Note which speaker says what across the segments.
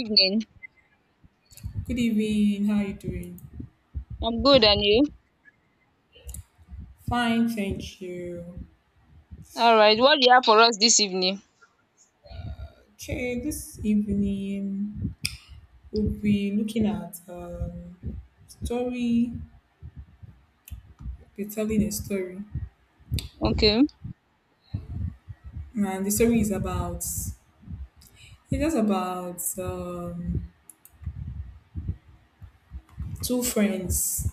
Speaker 1: Evening.
Speaker 2: Good evening. How are you doing?
Speaker 1: I'm good, and you?
Speaker 2: Fine, thank you.
Speaker 1: All right. What do you have for us this evening?
Speaker 2: Okay, this evening we'll be looking at story. We're telling a story,
Speaker 1: Okay.
Speaker 2: and the story is about it's just about two friends.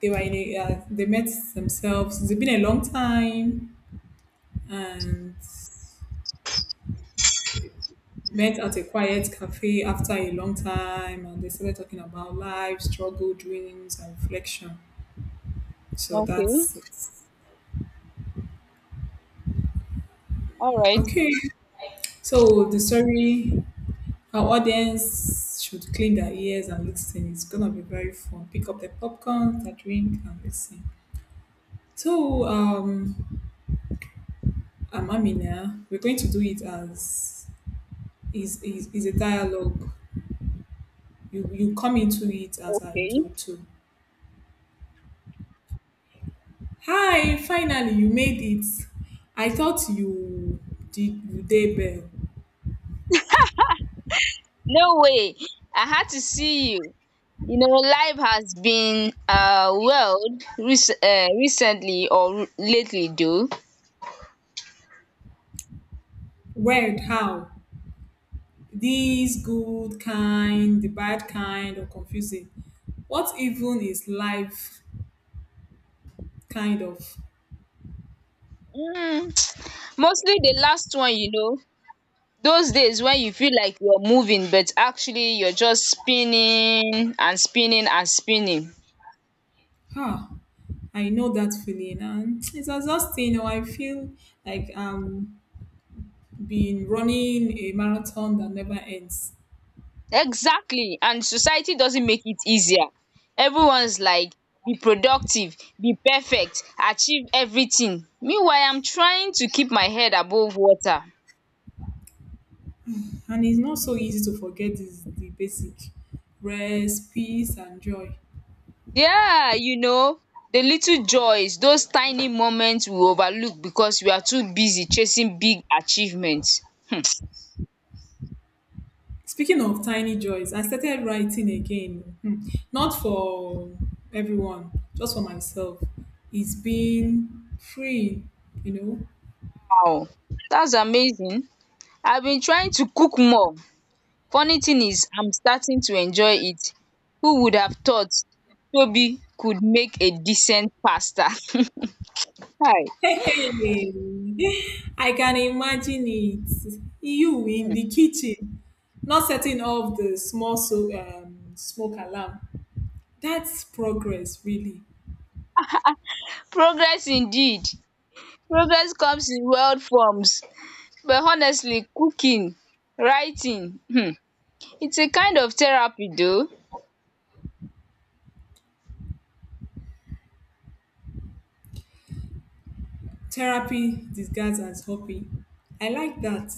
Speaker 2: They were in a, they met themselves. It's been a long time, and met at a quiet cafe after a long time, and they started talking about life, struggle, dreams, and reflection. So
Speaker 1: Okay.
Speaker 2: that's it.
Speaker 1: All right.
Speaker 2: Okay, so the story our audience should clean their ears and listen. It's gonna be very fun. Pick up the popcorn, their drink, and listen. So, um, I'm Amina. We're going to do it as is a dialogue. You come into it as I do
Speaker 1: Okay.
Speaker 2: too. Hi, finally you made it. I thought you did you day bell.
Speaker 1: No way. I had to see you. You know, life has been wild recently or lately, though.
Speaker 2: Where? How? These good kind, the bad kind, or confusing. What even is life kind of?
Speaker 1: Mm, mostly the last one. Those days when you feel like you're moving, but actually you're just spinning and spinning and spinning.
Speaker 2: Huh. I know that feeling, and it's exhausting. Or I feel like I'm being running a marathon that never ends,
Speaker 1: Exactly. And society doesn't make it easier. Everyone's like, be productive, be perfect, achieve everything. Meanwhile, I'm trying to keep my head above water.
Speaker 2: and it's not so easy to forget this, the basic rest, peace, and joy.
Speaker 1: Yeah, the little joys, those tiny moments we overlook because we are too busy chasing big achievements. Hmm.
Speaker 2: Speaking of tiny joys, I started writing again. Hmm. Not for everyone, just for myself. It's been free, you know.
Speaker 1: Wow, that's amazing. I've been trying to cook more. Funny thing is I'm starting to enjoy it. Who would have thought Toby could make a decent pasta? Hi,
Speaker 2: Hey, hey. I can imagine it. You in the kitchen, not setting off the small smoke alarm. That's progress, really.
Speaker 1: Progress indeed. Progress comes in world forms, but honestly cooking, writing it's a kind of therapy though.
Speaker 2: Therapy disguised as hobby. I like that.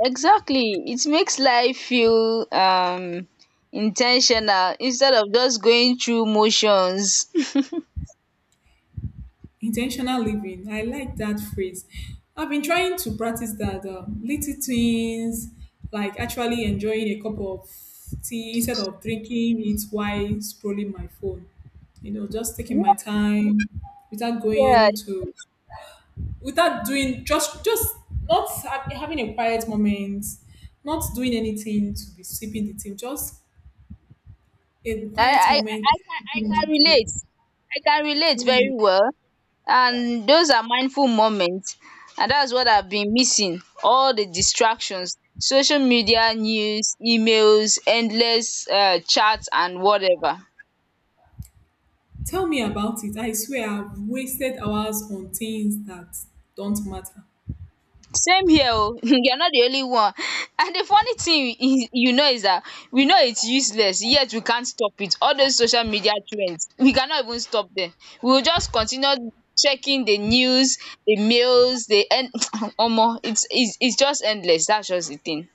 Speaker 1: Exactly. It makes life feel in instead of just going through motions.
Speaker 2: Intentional living, I like that phrase. I've been trying to practice that, little things like actually enjoying a cup of tea instead of drinking it while scrolling my phone, you know, just taking my
Speaker 1: Yeah,
Speaker 2: time without
Speaker 1: yeah,
Speaker 2: going to, without doing, just not having a quiet moment, not doing anything, to be sipping the tea, just a
Speaker 1: I,
Speaker 2: quiet
Speaker 1: I, I
Speaker 2: moment
Speaker 1: I can I
Speaker 2: to
Speaker 1: can relate. I can relate very well. And those are mindful moments. And that's what I've been missing. All the distractions, social media, news, emails, endless chats, and whatever.
Speaker 2: tell me about it. I swear I've wasted hours on things that don't matter.
Speaker 1: Same here, oh, you're not the only one, and the funny thing is that we know it's useless, yet we can't stop it. All those social media trends we cannot even stop them. We will just continue checking the news, the mails, the en omo it's just endless. That's just the thing.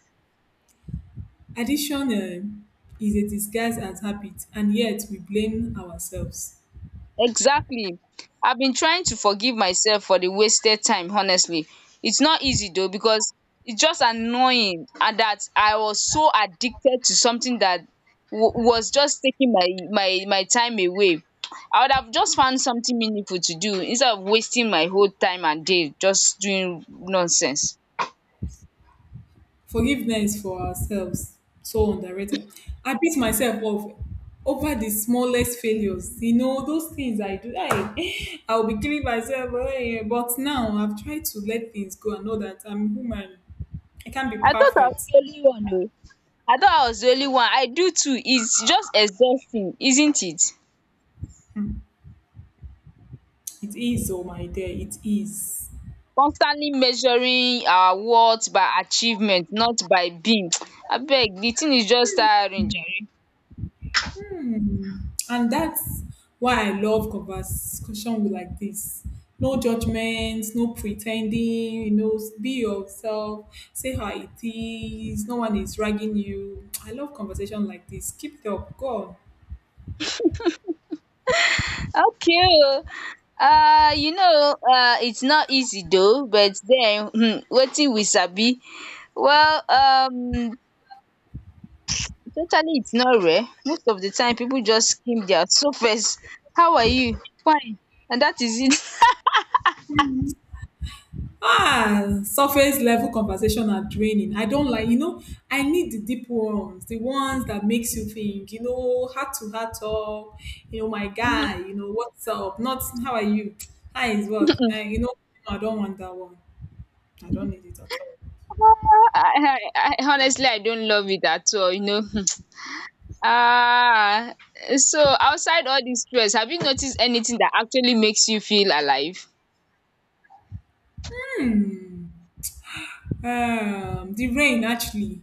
Speaker 2: Addiction is a disguise as habit, and yet we blame ourselves.
Speaker 1: Exactly. I have been trying to forgive myself for the wasted time, honestly. It's not easy though, because it's just annoying, and that I was so addicted to something that wa was just taking my time away. I would have just found something meaningful to do instead of wasting my whole time and day just doing nonsense.
Speaker 2: Forgiveness for ourselves, so underrated. I beat myself up over the smallest failures. You know, those things I do, I, I'll be killing myself. Eh, but now I've tried to let things go and know that I'm human. I can't be
Speaker 1: I thought I was
Speaker 2: perfect.
Speaker 1: the only one. Oh. I thought I was the only one. I do too. It's just exhausting, isn't it?
Speaker 2: Hmm. It is, oh my dear, it is.
Speaker 1: Constantly measuring our worth by achievement, not by being. Abeg, the thing is just tiring, jare.
Speaker 2: Hmm. And that's why I love conversation with like this. No judgments, no pretending, you know, be yourself, say how it is, no one is ragging you. I love conversation like this. Keep it up, go on.
Speaker 1: Okay, oo. It's not easy though, but then, wetin we sabi. Well, totally it's not rare. Most of the time, people just skim their surface. How are you? Fine. And that is it.
Speaker 2: Ah, surface level conversation are draining. I don't like, you know, I need the deep ones, the ones that makes you think, you know, heart to heart talk, you know, my guy, you know, what's up? Not how are you? How is work? You know, I don't want that one. I don't need it at all.
Speaker 1: Honestly I don't love it at all. Ah, so outside all this stress, have you noticed anything that actually makes you feel alive?
Speaker 2: The rain actually.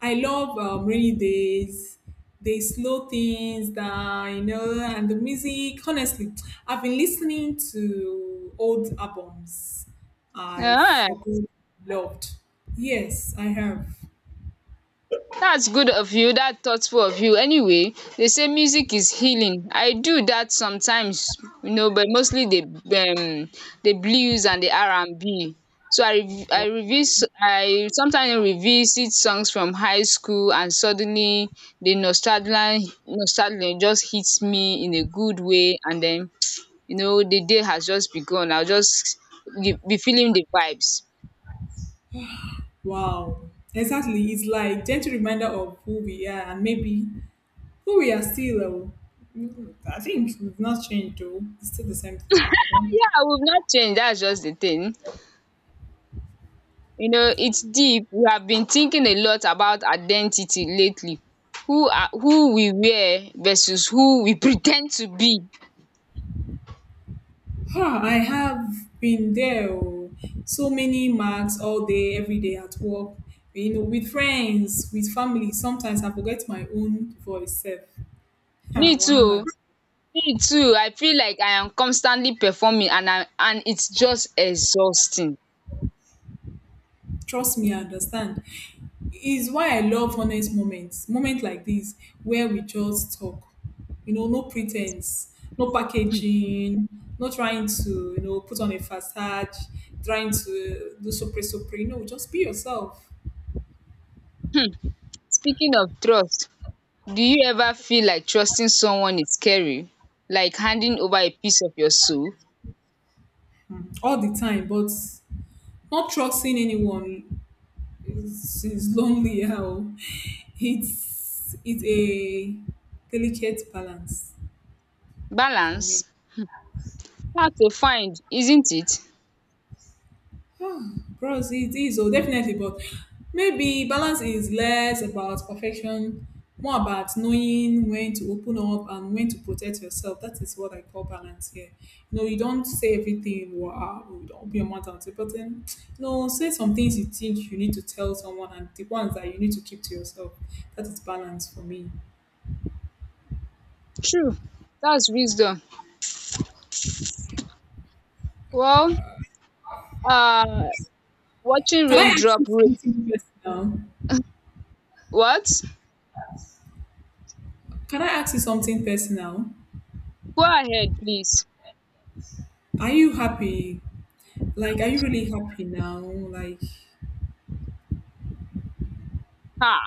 Speaker 2: I love rainy days. They slow things down, you know, and the music. Honestly, I've been listening to old albums I
Speaker 1: Ah,
Speaker 2: forgot loved. Yes, I have.
Speaker 1: that's good of you. That's thoughtful of you. Anyway, they say music is healing. I do that sometimes, you know, but mostly the blues and the R&B. So I sometimes revisit songs from high school, and suddenly the nostalgia just hits me in a good way, and then the day has just begun. I'll just be feeling the vibes.
Speaker 2: Wow. Exactly. It's like gentle reminder of who we are and maybe who we are still. I think we've not changed though. It's still the same thing. I don't.
Speaker 1: Yeah, we've not changed. That's just the thing. You know, it's deep. We have been thinking a lot about identity lately. Who we were versus who we pretend to be.
Speaker 2: Ha, I have been there. Oh. So many marks all day, every day at work, you know, with friends, with family. Sometimes I forget my own voice. Self. Ha,
Speaker 1: Me too.
Speaker 2: wahala.
Speaker 1: Oh. Me too. I feel like I am constantly performing, and I and it's just exhausting.
Speaker 2: Trust me, I understand. Is why I love honest moments, moments like this where we just talk. You know, no pretense, no packaging, not trying to, you know, put on a facade, trying to do so supre. Supre. No, just be yourself
Speaker 1: Speaking of trust, do you ever feel like trusting someone is scary? Like handing over a piece of your soul?
Speaker 2: all the time. But not trusting anyone is lonely. How it's a delicate balance for me.
Speaker 1: Balance. Hard to find, isn't it?
Speaker 2: Bros, it is oh, definitely, but maybe balance is less about perfection, more about knowing when to open up and when to protect yourself. That is what I call balance here. You know, you don't say everything, wow, you don't open your mouth and say, but then, you know, say some things you think you need to tell someone and the ones that you need to keep to yourself. That is balance for me.
Speaker 1: True. That's wisdom. Well, um watching
Speaker 2: Can I ask you
Speaker 1: raindrop. Rain.
Speaker 2: something personal?
Speaker 1: What?
Speaker 2: Can I ask you something personal?
Speaker 1: Go ahead, please.
Speaker 2: Are you happy? Like, are you really happy now? Like,
Speaker 1: um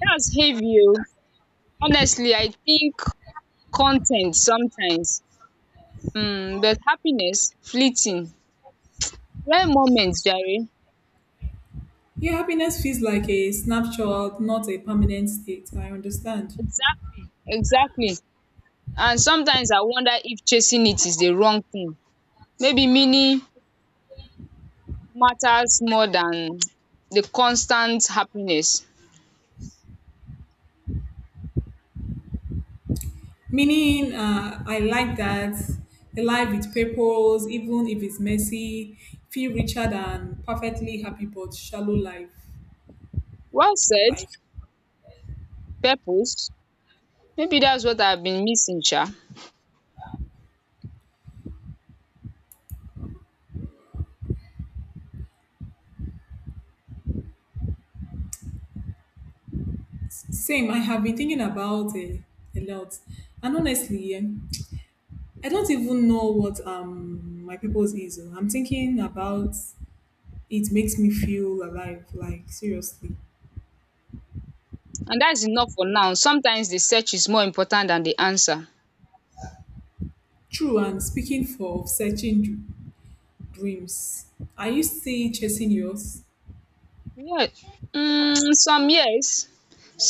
Speaker 1: that's heavy, o. Honestly, I think content sometimes, but happiness fleeting, rare moments, Jerry.
Speaker 2: yeah, happiness feels like a snapshot, not a permanent state. I understand.
Speaker 1: Exactly, exactly. And sometimes I wonder if chasing it is the wrong thing. Maybe meaning matters more than the constant happiness.
Speaker 2: Meaning, I like that, a life with purpose, even if it's messy, feel richer than perfectly happy but shallow life.
Speaker 1: Well said.
Speaker 2: Like
Speaker 1: Purpose. Maybe that's what I've been missing,
Speaker 2: same, I have been thinking about it a lot, and honestly, eh, I don't even know what my purpose is. Oh. I'm thinking about it makes me feel alive. Like seriously,
Speaker 1: and that's enough for now. Sometimes the search is more important than the answer.
Speaker 2: true. And speaking for searching dreams. Are you still chasing yours?
Speaker 1: Yeah, some, yes.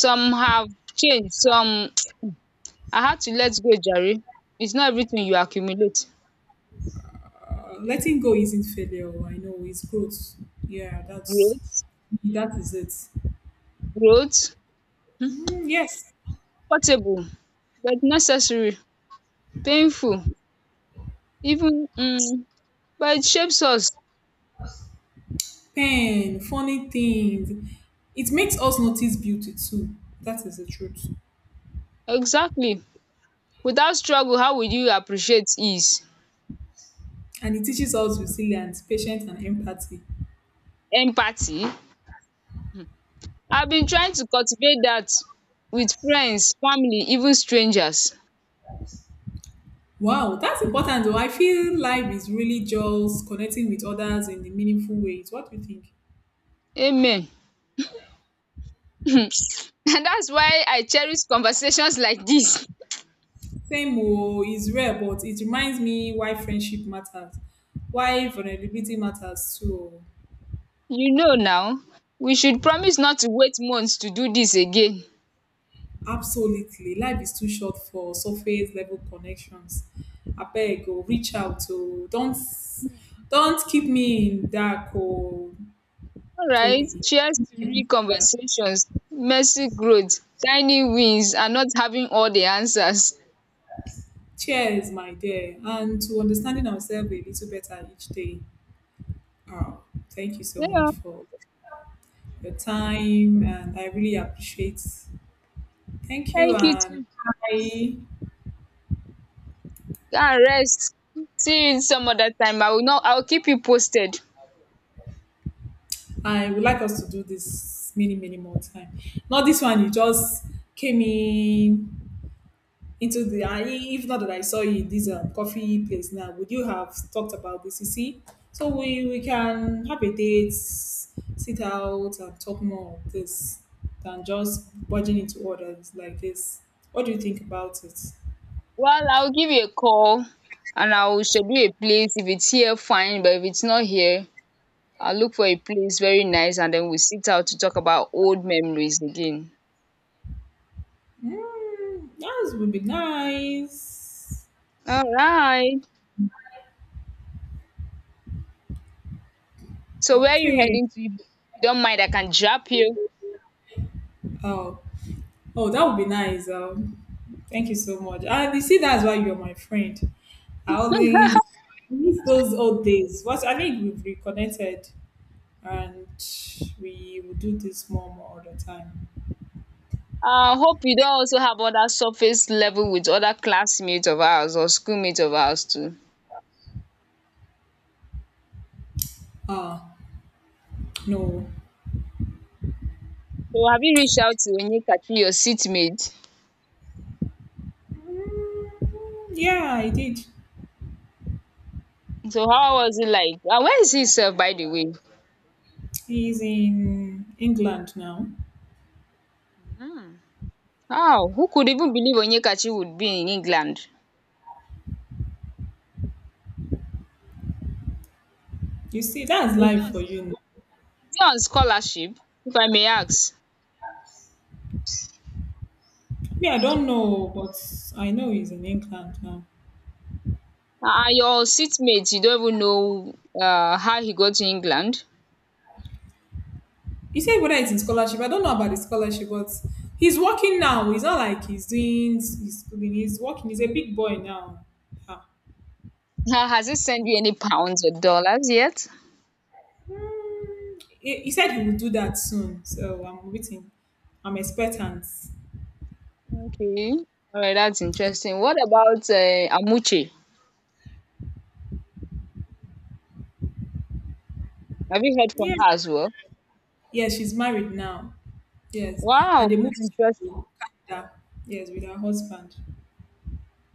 Speaker 1: Some have changed. Some I had to let go, jare. It's not everything you accumulate.
Speaker 2: Letting go isn't failure. I know it's growth. Yeah, that's
Speaker 1: Growth.
Speaker 2: that is it.
Speaker 1: Growth.
Speaker 2: Mm, yes,
Speaker 1: Comfortable but necessary, painful even, but it shapes us.
Speaker 2: pain, funny things. It makes us notice beauty too. That is the truth,
Speaker 1: Exactly. Without struggle, how will you appreciate ease?
Speaker 2: and it teaches us resilience, patience, and empathy.
Speaker 1: Empathy. I have been trying to cultivate that with friends, family, even strangers.
Speaker 2: Wow, that's important. Though I feel life is really just connecting with others in a meaningful ways. What do you think?
Speaker 1: Amen. And that's why I cherish conversations like this.
Speaker 2: Same oo, is rare but it reminds me why friendship matters, why vulnerability matters too. Oo.
Speaker 1: You know now, we should promise not to wait months to do this again.
Speaker 2: Absolutely, life is too short for surface level connections. Abeg oo, reach out oo, don't keep me in dark oo,
Speaker 1: Alright,
Speaker 2: Toby. Keep
Speaker 1: cheers
Speaker 2: me
Speaker 1: to
Speaker 2: in
Speaker 1: real
Speaker 2: dark.
Speaker 1: conversations, messy growth, tiny wins, and not having all the answers.
Speaker 2: Cheers, my dear, and to understanding ourselves a little better each day. Oh, thank you so
Speaker 1: Yeah,
Speaker 2: much for your time, and I really appreciate. Thank you,
Speaker 1: thank you
Speaker 2: and
Speaker 1: too.
Speaker 2: I
Speaker 1: Go rest. See you some other time. I will not, I will keep you posted.
Speaker 2: I would like us to do this many more time. Not this one. You just came in into the. I if not that I saw you in this coffee place now, would you have talked about this? You see, so we can have a date, sit out, and talk more of this than just budging into orders like this. What do you think about it?
Speaker 1: Well, I'll give you a call and I'll schedule a place. If it's here, fine, but if it's not here, I'll look for a place very nice, and then we'll sit out to talk about old memories again.
Speaker 2: Mm, that would be nice.
Speaker 1: Alright. So where are you
Speaker 2: Okay.
Speaker 1: heading to? If you don't mind, I can drop you.
Speaker 2: Oh, oh, that would be nice. Thank you so much. And you see, that's why you're my friend. I always I miss those old days. What I think we've reconnected, and we will do this more all the time.
Speaker 1: I hope you don't also have other surface level with other classmates of ours or schoolmates of ours too.
Speaker 2: Ah, no.
Speaker 1: So have you reached out to Onyekachi, your seatmate?
Speaker 2: Mm, yeah, I did.
Speaker 1: So how was it like? And where is he sef by the way?
Speaker 2: He's in England now.
Speaker 1: Hmm. Wow, who could even believe Onyekachi would be in England?
Speaker 2: You see, that's
Speaker 1: Is he
Speaker 2: life
Speaker 1: on,
Speaker 2: for
Speaker 1: is
Speaker 2: you. Now.
Speaker 1: he on scholarship, if I may ask?
Speaker 2: Me, I don't know, but I know he's in England now.
Speaker 1: Are your seatmate, you don't even know how he got to England?
Speaker 2: You said whether it's in scholarship. I don't know about the scholarship, but he's working now. He's not like he's doing he's schooling. He's working. He's a big boy now. Ah.
Speaker 1: Has he sent you any pounds or dollars yet?
Speaker 2: He said he will do that soon. So I'm waiting. I'm expectant.
Speaker 1: Okay. All right, that's interesting. What about Amuche? Have you heard from
Speaker 2: Yeah.
Speaker 1: her as well?
Speaker 2: Yeah, she's married now. Yes. And
Speaker 1: Wow,
Speaker 2: they
Speaker 1: that's
Speaker 2: moved
Speaker 1: interesting.
Speaker 2: to Canada. Yes, with her husband.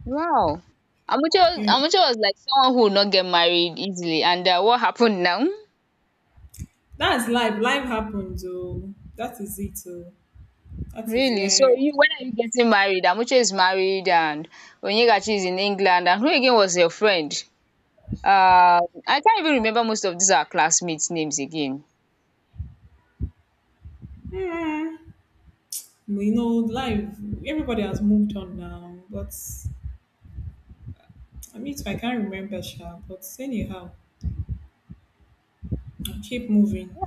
Speaker 1: Wow. Amuche, was-
Speaker 2: Yeah.
Speaker 1: Amuche was like someone who would not get married easily. And what happened now?
Speaker 2: That's life. Life happens. Oh, that is it. Oh, that is
Speaker 1: Really? So
Speaker 2: where.
Speaker 1: you when are you getting married? Amuche is married and Onyekachi is in England. And who again was your friend? Uh, I can't even remember, most of these are classmates' names again.
Speaker 2: Hmm. You know, life. Everybody has moved on now, but I mean, I can't remember, Sha, but anyhow, I'll keep moving.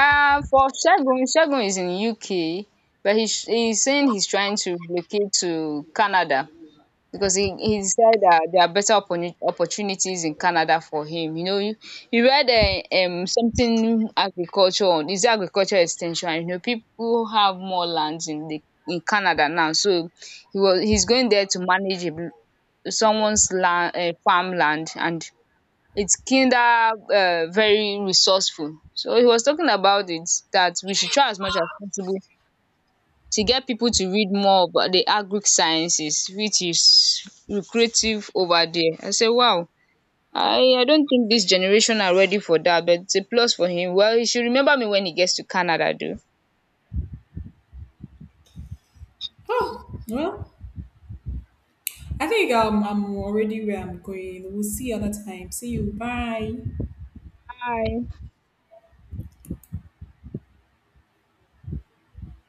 Speaker 1: For Shagun is in UK, but he's saying he's trying to relocate to Canada, because he said that there are better opportunities in Canada for him. You know, you read something agriculture, on is it agriculture extension. You know, people have more lands in the in Canada now, so he's going there to manage a someone's land, farmland, and it's kinda very resourceful. So he was talking about it that we should try as much as possible to get people to read more about the agric-sciences which is lucrative over there. I say wow, I don't think this generation are ready for that, but it's a plus for him. Well, he should remember me when he gets to Canada though.
Speaker 2: Oh, well, I think I'm already where I'm going. We'll see you other time. See you. Bye.
Speaker 1: Bye.